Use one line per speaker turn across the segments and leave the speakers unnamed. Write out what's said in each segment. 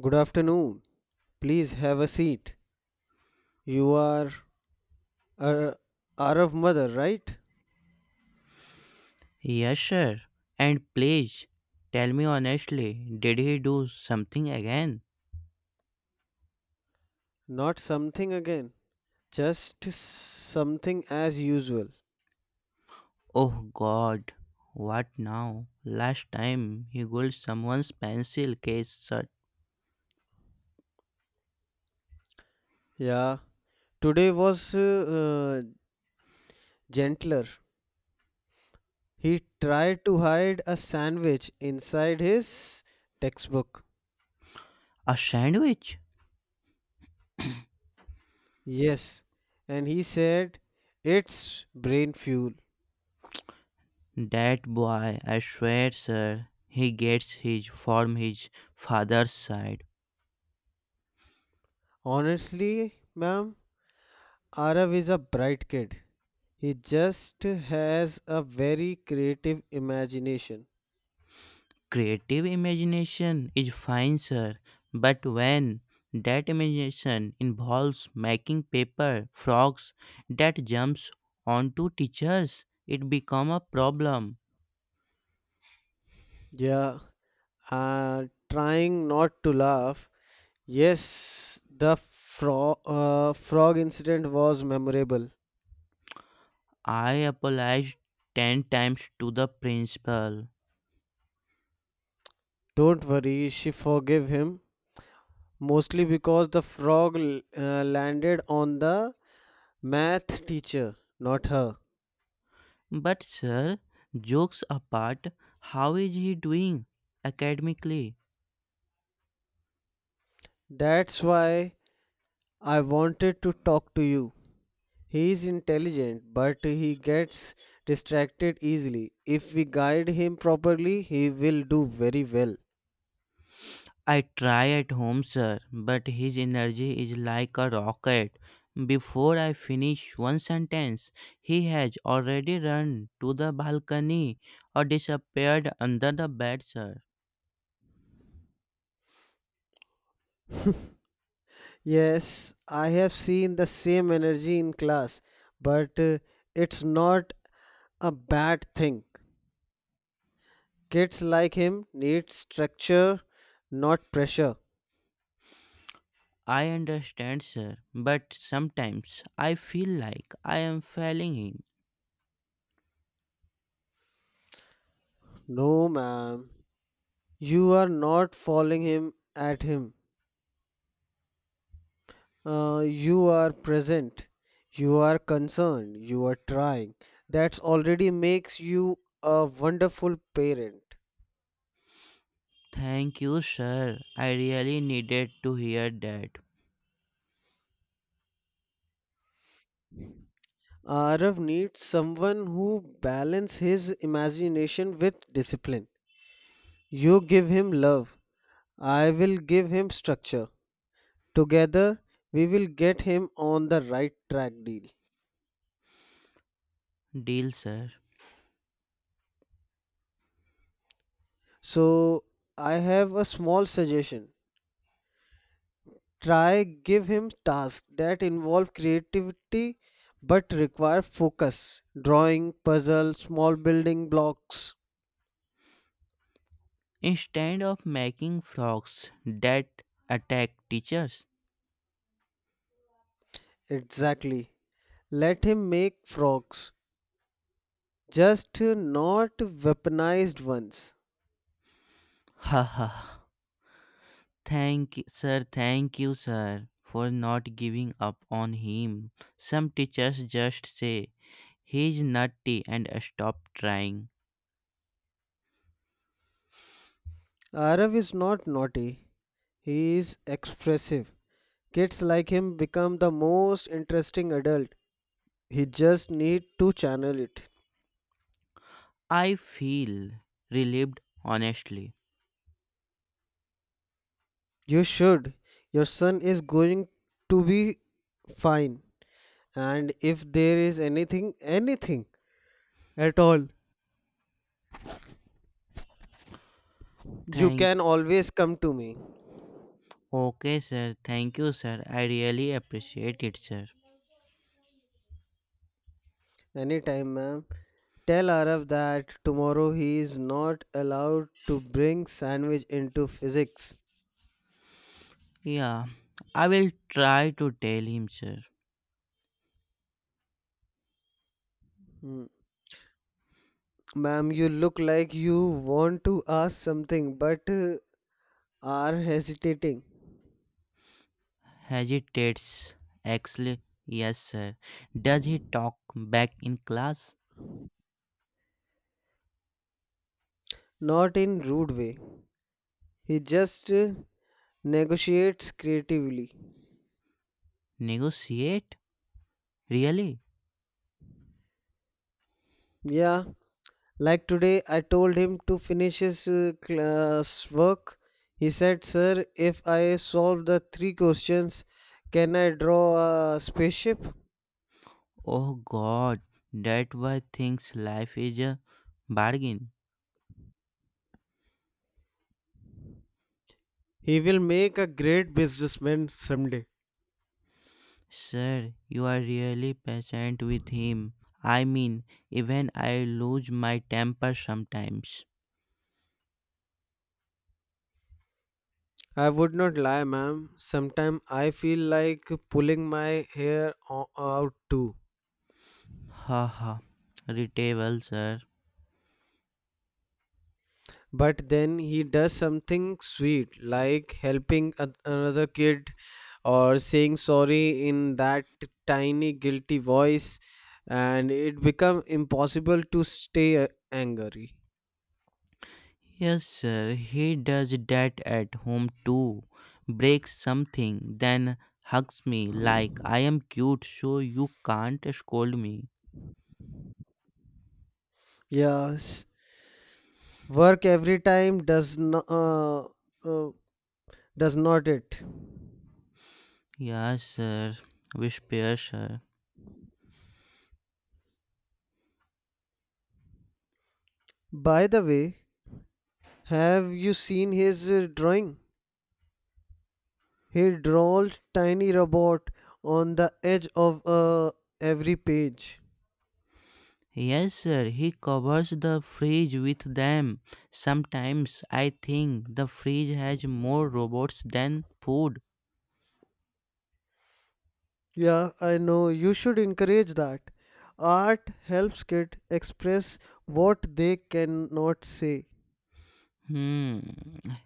Good afternoon. Please have a seat. You are a Arab mother, right?
Yes, sir. And please, tell me honestly, did he do something again?
Not something again, just something as usual.
Oh god, what now? Last time he got someone's pencil case shut.
Yeah, today was uh, gentler. He tried to hide a sandwich inside his textbook.
A sandwich?
Yes, and he said it's brain fuel.
That boy, I swear, sir, he gets his from his father's side.
Honestly, ma'am, Arav is a bright kid. He just has a very creative imagination.
Creative imagination is fine, sir, but when that imagination involves making paper frogs that jumps onto teachers, it become a problem.
Yeah, trying not to laugh. Yes, the frog incident was memorable.
I apologized 10 times to the principal.
Don't worry, she forgave him mostly because the frog landed on the math teacher, not her.
But sir, jokes apart, how is he doing academically?
That's why I wanted to talk to you. He is intelligent, but he gets distracted easily. If we guide him properly, he will do very well.
I try at home, sir, but his energy is like a rocket. Before I finish one sentence, he has already run to the balcony or disappeared under the bed, sir.
Yes, I have seen the same energy in class, but it's not a bad thing. Kids like him need structure, not pressure.
I understand, sir, but sometimes I feel like I am failing him.
No, ma'am, you are not following him at him. You are present, you are concerned, you are trying. That already makes you a wonderful parent.
Thank you, sir. I really needed to hear that.
Arav needs someone who balance his imagination with discipline. You give him love, I will give him structure. Together, we will get him on the right track deal.
Deal, sir.
So, I have a small suggestion. Try give him tasks that involve creativity but require focus, drawing puzzle small building blocks.
Instead of making frogs that attack teachers,
Exactly, let him make frogs, just not weaponized ones.
haha. Sir, thank you, sir, for not giving up on him. Some teachers just say he's nutty and stop trying.
Arav is not naughty, he is expressive. Kids like him become the most interesting adult. He just need to channel it.
I feel relieved, honestly.
You should. Your son is going to be fine, and if there is anything at all, you
Thank.
can always come to me.
Okay, sir. Thank you, sir. I really appreciate it, sir.
Anytime, ma'am. Tell Arav that tomorrow he is not allowed to bring sandwich into physics.
Yeah, I will try to tell him, sir.
Hmm, ma'am, you look like you want to ask something but are hesitating.
Hesitates. Actually, yes, sir. Does he talk back in class?
Not in rude way, he just negotiates creatively.
Negotiate? Really?
Yeah. Like today, I told him to finish his class work. He said, Sir, if I solve the three questions, can I draw a spaceship?
Oh God, that why thinks life is a bargain.
He will make a great businessman someday.
Sir, you are really patient with him. I mean, even I lose my temper sometimes.
I would not lie, ma'am. Sometimes I feel like pulling my hair out too.
Ha ha, retable, sir.
But then he does something sweet, like helping another kid or saying sorry in that tiny guilty voice, and it become impossible to stay angry.
Yes, sir, he does that at home too. Breaks something, then hugs me like I am cute, so you can't scold me.
Yes, work every time uh, does not it.
Yes, sir, whisper, sir.
By the way, have you seen his drawing? He draws tiny robot on the edge of every page.
Yes, sir, he covers the fridge with them. Sometimes I think the fridge has more robots than food.
Yeah, I know. You should encourage that. Art helps kids express what they cannot say.
Hmm,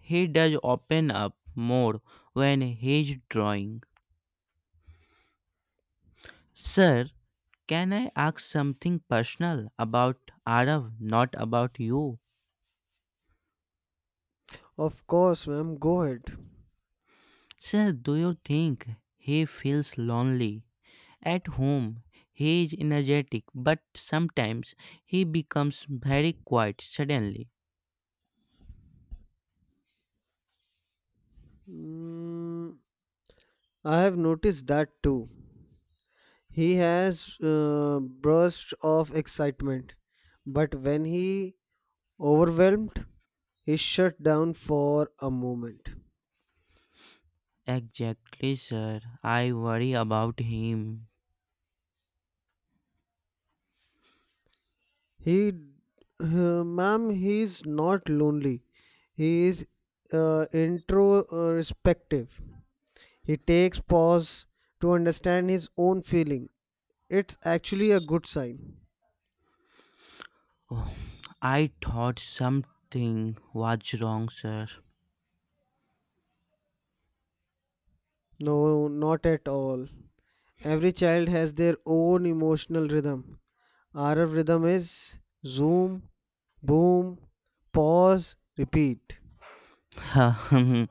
he does open up more when he's drawing. Sir, can I ask something personal about Arav, not about you?
Of course, ma'am, go ahead.
Sir, do you think he feels lonely? At home, he is energetic, but sometimes he becomes very quiet suddenly.
Mm, I have noticed that too. He has bursts of excitement, but when he overwhelmed, he shut down for a moment.
Exactly, sir. I worry about him.
He, uh, Ma'am, he's not lonely. He is introspective. He takes pause to understand his own feeling. It's actually a good sign.
Oh, I thought something was wrong, sir.
No, not at all. Every child has their own emotional rhythm. Our rhythm is zoom, boom, pause, repeat.
A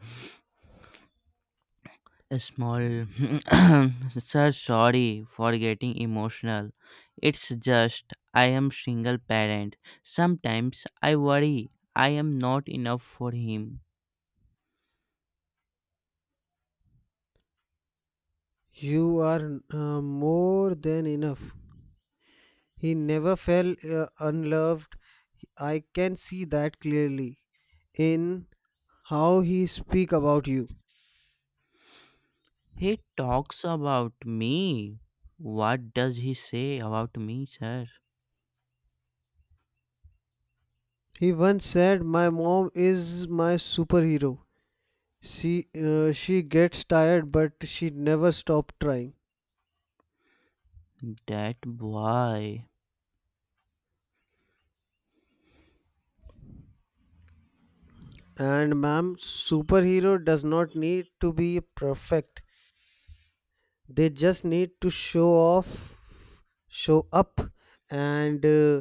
small. Sir, sorry for getting emotional. It's just I am single parent. Sometimes I worry I am not enough for him.
You are more than enough. He never felt unloved. I can see that clearly in how he speak about you.
He talks about me. What does he say about me, sir?
He once said, "My mom is my superhero. She she gets tired but she never stops trying."
That boy.
And ma'am, superhero does not need to be perfect. They just need to show up and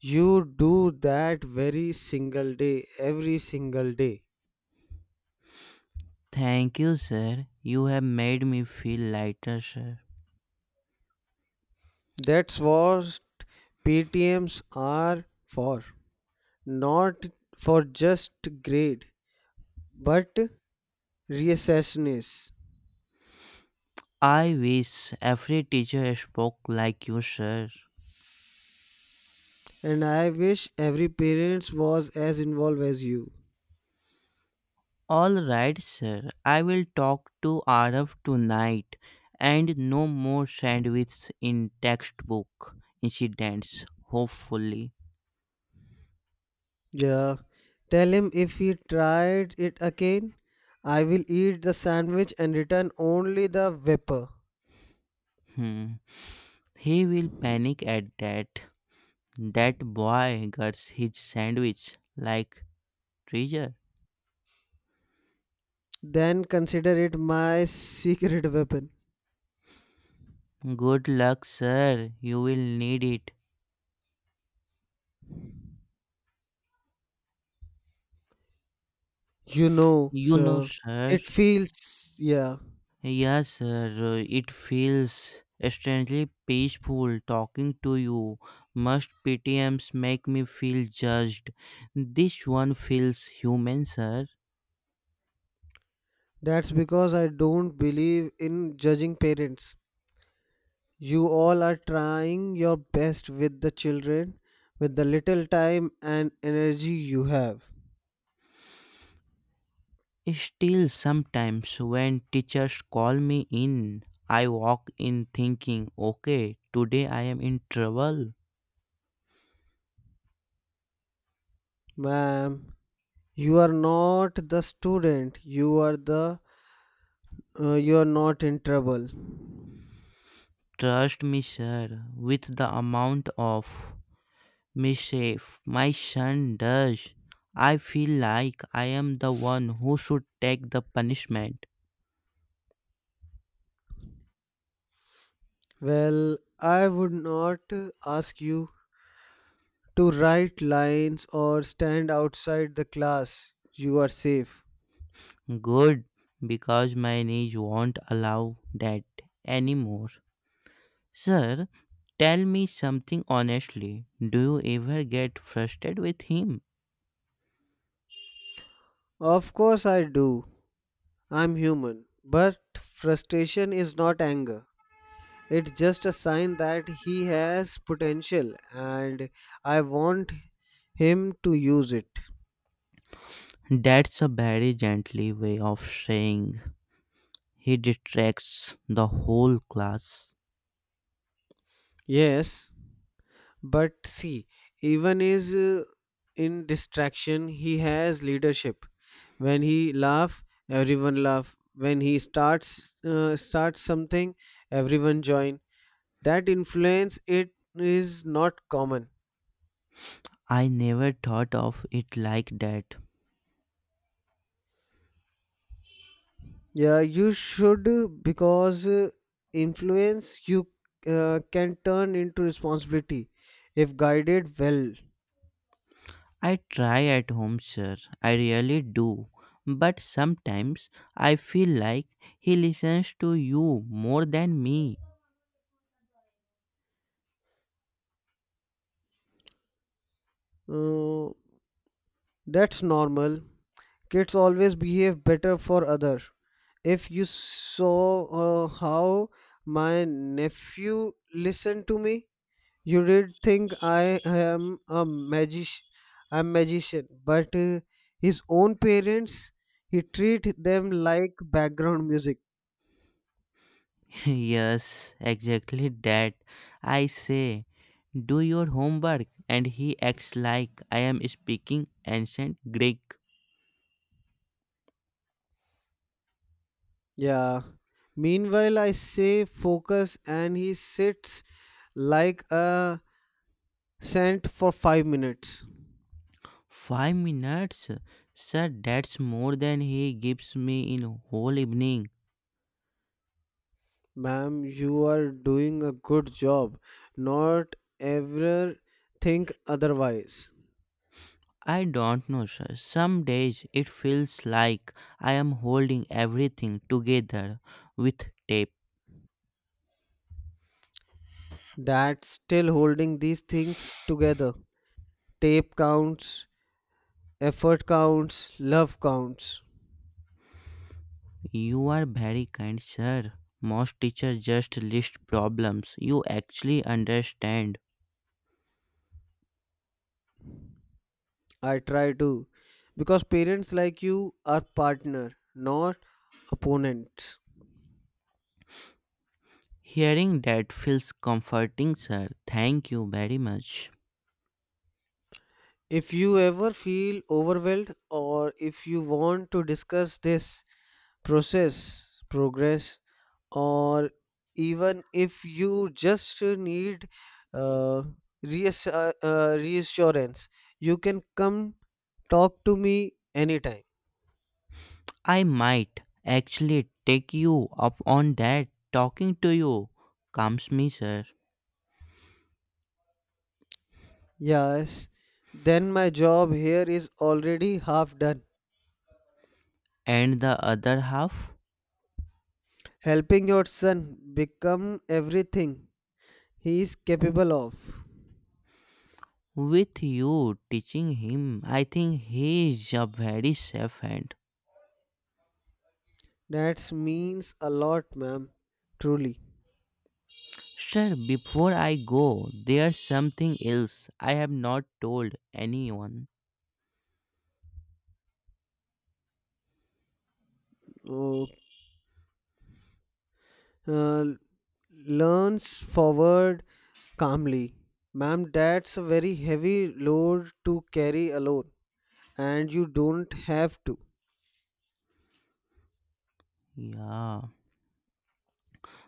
you do that every single day.
Thank you, sir. You have made me feel lighter, sir.
That's what PTMs are for. Not for just grade, but recessionists.
I wish every teacher spoke like you, sir.
And I wish every parents was as involved as you.
All right, sir. I will talk to Arav tonight and no more sandwiches in textbook incidents, hopefully.
Yeah, tell him if he tried it again, I will eat the sandwich and return only the vapor.
Hmm. He will panic at that. That boy gets his sandwich like treasure.
Then consider it my secret weapon.
Good luck, sir. You will need it.
You know,
You know,
sir,
sir.
it feels, yeah.
Yes, sir. It feels strangely peaceful talking to you. Must PTMs make me feel judged? This one feels human, sir.
That's because I don't believe in judging parents. You all are trying your best with the children, with the little time and energy you have.
Still, sometimes when teachers call me in, I walk in thinking, okay, today I am in trouble.
Ma'am, you are not the student. You are the you are not in trouble.
Trust me, sir, with the amount of mischief, my son does. I feel like I am the one who should take the punishment.
Well, I would not ask you to write lines or stand outside the class. You are safe.
Good, because my knees won't allow that anymore. Sir, tell me something honestly. Do you ever get frustrated with him?
Of course I do. I'm human. But frustration is not anger. It's just a sign that he has potential and I want him to use it.
That's a very gently way of saying he distracts the whole class.
Yes, but see, even is in distraction, he has leadership. When he laugh, everyone laugh. When he starts something, everyone join. That influence it is not common.
I never thought of it like that.
Yeah, you should because influence you can turn into responsibility if guided well.
I try at home, sir. I really do. But sometimes I feel like he listens to you more than me.
Uh, that's normal. Kids always behave better for other. If you saw how my nephew listened to me, you did think I'm magician. But his own parents, he treat them like background music.
Yes, exactly that. I say, do your homework, and he acts like I am speaking ancient Greek.
Yeah. Meanwhile, I say focus and he sits like a saint for 5 minutes.
5 minutes? Sir, that's more than he gives me in whole evening.
Ma'am, you are doing a good job. Not ever think otherwise.
I don't know, sir. Some days it feels like I am holding everything together with tape.
That's still holding these things together. Tape counts, effort counts, love counts.
You are very kind, sir. Most teachers just list problems you actually understand.
I try to. Because parents like you are partner, not opponents.
Hearing that feels comforting, sir. Thank you very much.
If you ever feel overwhelmed or if you want to discuss this progress, or even if you just need uh, reassurance, you can come talk to me anytime.
I might actually take you up on that. Talking to you calms me, sir.
Yes, then my job here is already half done.
And the other half?
Helping your son become everything he is capable of.
With you teaching him. I think he is a very safe hand.
That means a lot, ma'am. Truly.
Sir, before I go, there's something else I have not told anyone.
Oh, uh, leans forward calmly. Ma'am, that's a very heavy load to carry alone, and you don't have to.
Yeah,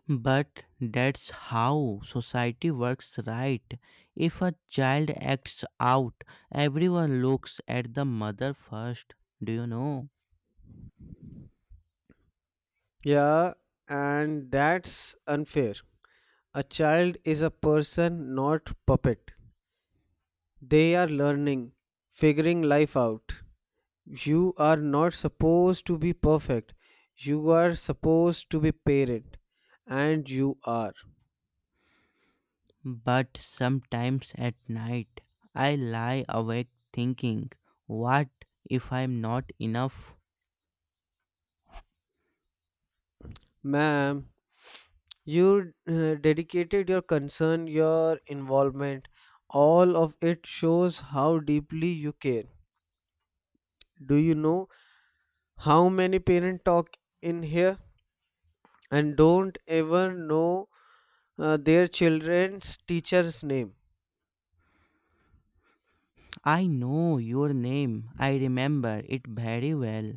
but that's how society works, right? If a child acts out, everyone looks at the mother first, do you know?
Yeah, and that's unfair. A child is a person, not puppet. They are learning, figuring life out. You are not supposed to be perfect. You are supposed to be parent, and you are.
But sometimes at night, I lie awake thinking, what if I'm not enough?
Ma'am, you dedicated your concern, your involvement, all of it shows how deeply you care. Do you know how many parents talk in here and don't ever know their children's teacher's name
I know your name. I remember it very well.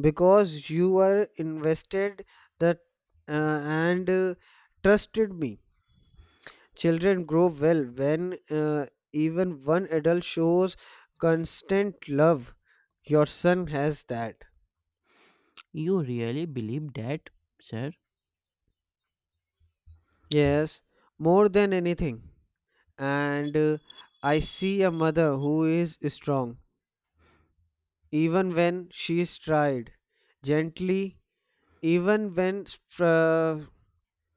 because you are invested that uh, and trusted me. Children grow well when even one adult shows constant love. Your son has that.
You really believe that, sir?
Yes, more than anything. And I see a mother who is strong, even when she is tried, gently, even when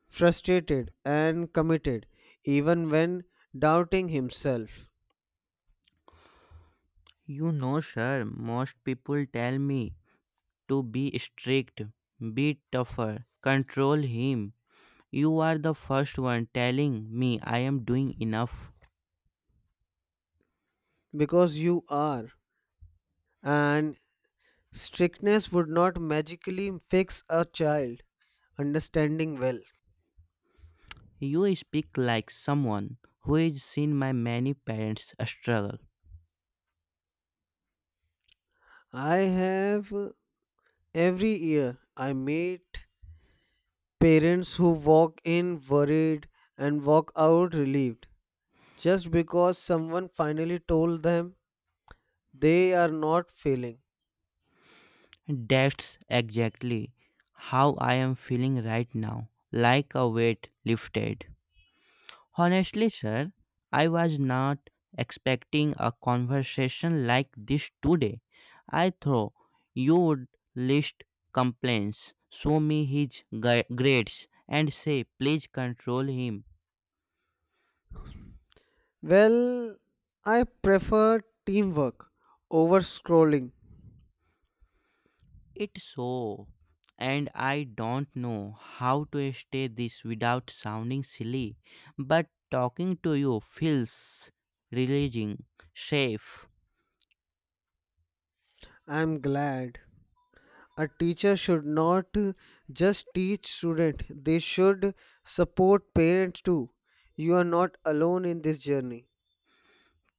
frustrated and committed, even when doubting himself.
You know, sir, most people tell me to be strict, be tougher, control him. You are the first one telling me I am doing enough.
Because you are. And strictness would not magically fix a child understanding well.
You speak like someone who has seen my many parents struggle.
I have every year I meet parents who walk in worried and walk out relieved just because someone finally told them they are not failing.
That's exactly how I am feeling right now, like a weight lifted. Honestly, sir, I was not expecting a conversation like this today. I thought you would list complaints, show me his grades, and say, please control him.
Well, I prefer teamwork over scrolling.
It's so. And I don't know how to stay this without sounding silly, but talking to you feels releasing, safe.
I'm glad a teacher should not just teach students. They should support parents too. You are not alone in this journey.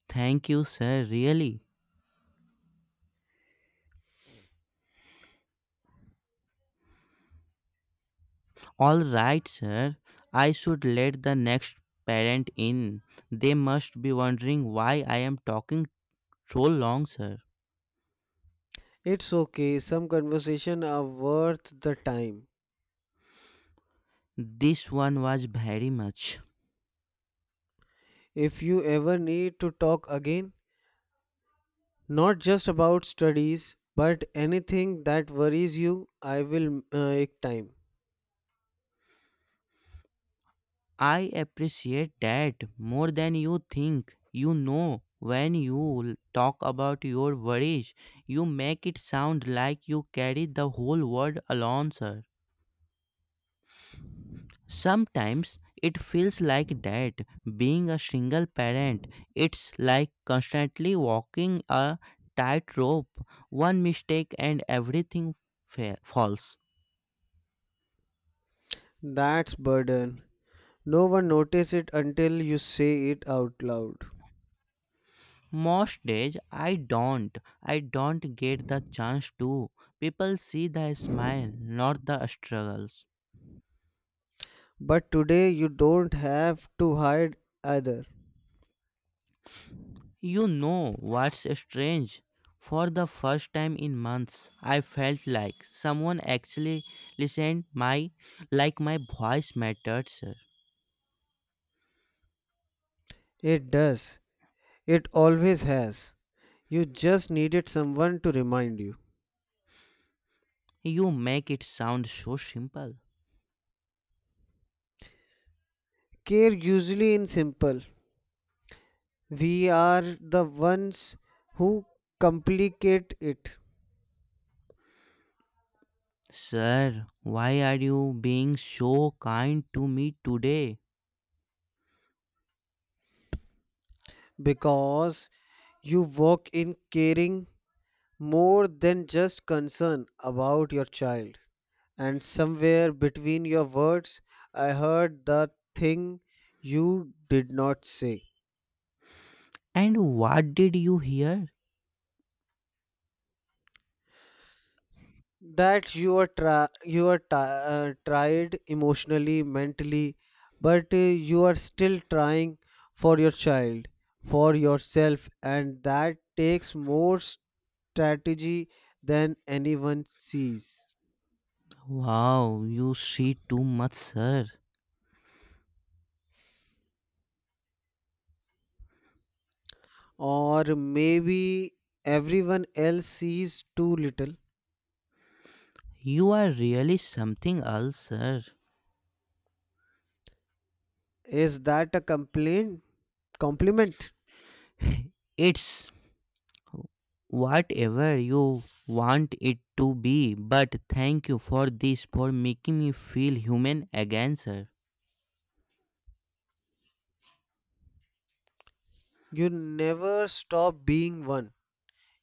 Thank you, sir, really. All right, sir. I should let the next parent in. They must be wondering why I am talking so long, sir.
It's okay, some conversations are worth the time.
This one was very much.
If you ever need to talk again, not just about studies but anything that worries you, I will make time.
I appreciate that more than you think. You know, when you talk about your worries, you make it sound like you carry the whole world alone, sir. Sometimes it feels like that being a single parent, it's like constantly walking a tightrope. One mistake and everything falls.
That's burden, no one notices it until you say it out loud.
Most days I don't. I don't get the chance to. People see the smile, not the struggles.
But today you don't have to hide either.
You know what's strange? For the first time in months, I felt like someone actually listened my like my voice mattered, sir.
It does. It always has. You just needed someone to remind you.
You make it sound so simple.
Care usually in simple. We are the ones who complicate it.
Sir, why are you being so kind to me today?
Because you walk in caring more than just concern about your child. And somewhere between your words, I heard the thing you did not say.
And what did you hear?
That you are ti tired emotionally mentally but you are still trying for your child, for yourself, and that takes more strategy than anyone sees.
Wow, you see too much, sir.
Or maybe everyone else sees too little.
You are really something else, sir.
Is that a complaint, compliment?
It's whatever you want it to be, but thank you for this, for making me feel human again, sir.
You never stop being one,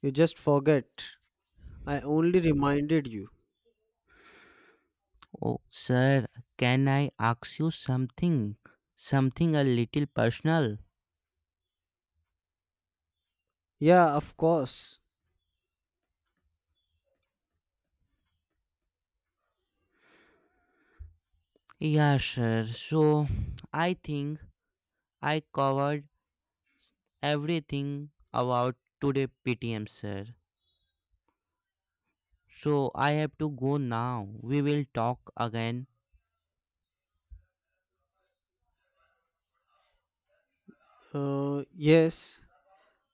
you just forget. I only reminded you.
Oh sir, can I ask you something, a little personal?
Yeah, of course.
Yeah sir, so I think I covered everything about today PTM, sir, so I have to go now. We will talk again.
Yes,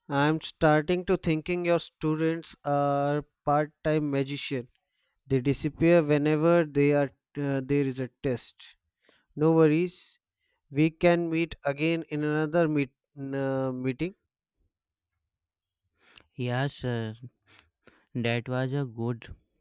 I'm starting to thinking your students are part-time magician. They disappear whenever they are there is a test. No worries. We can meet again in another meeting.
Yeah sir, that was a good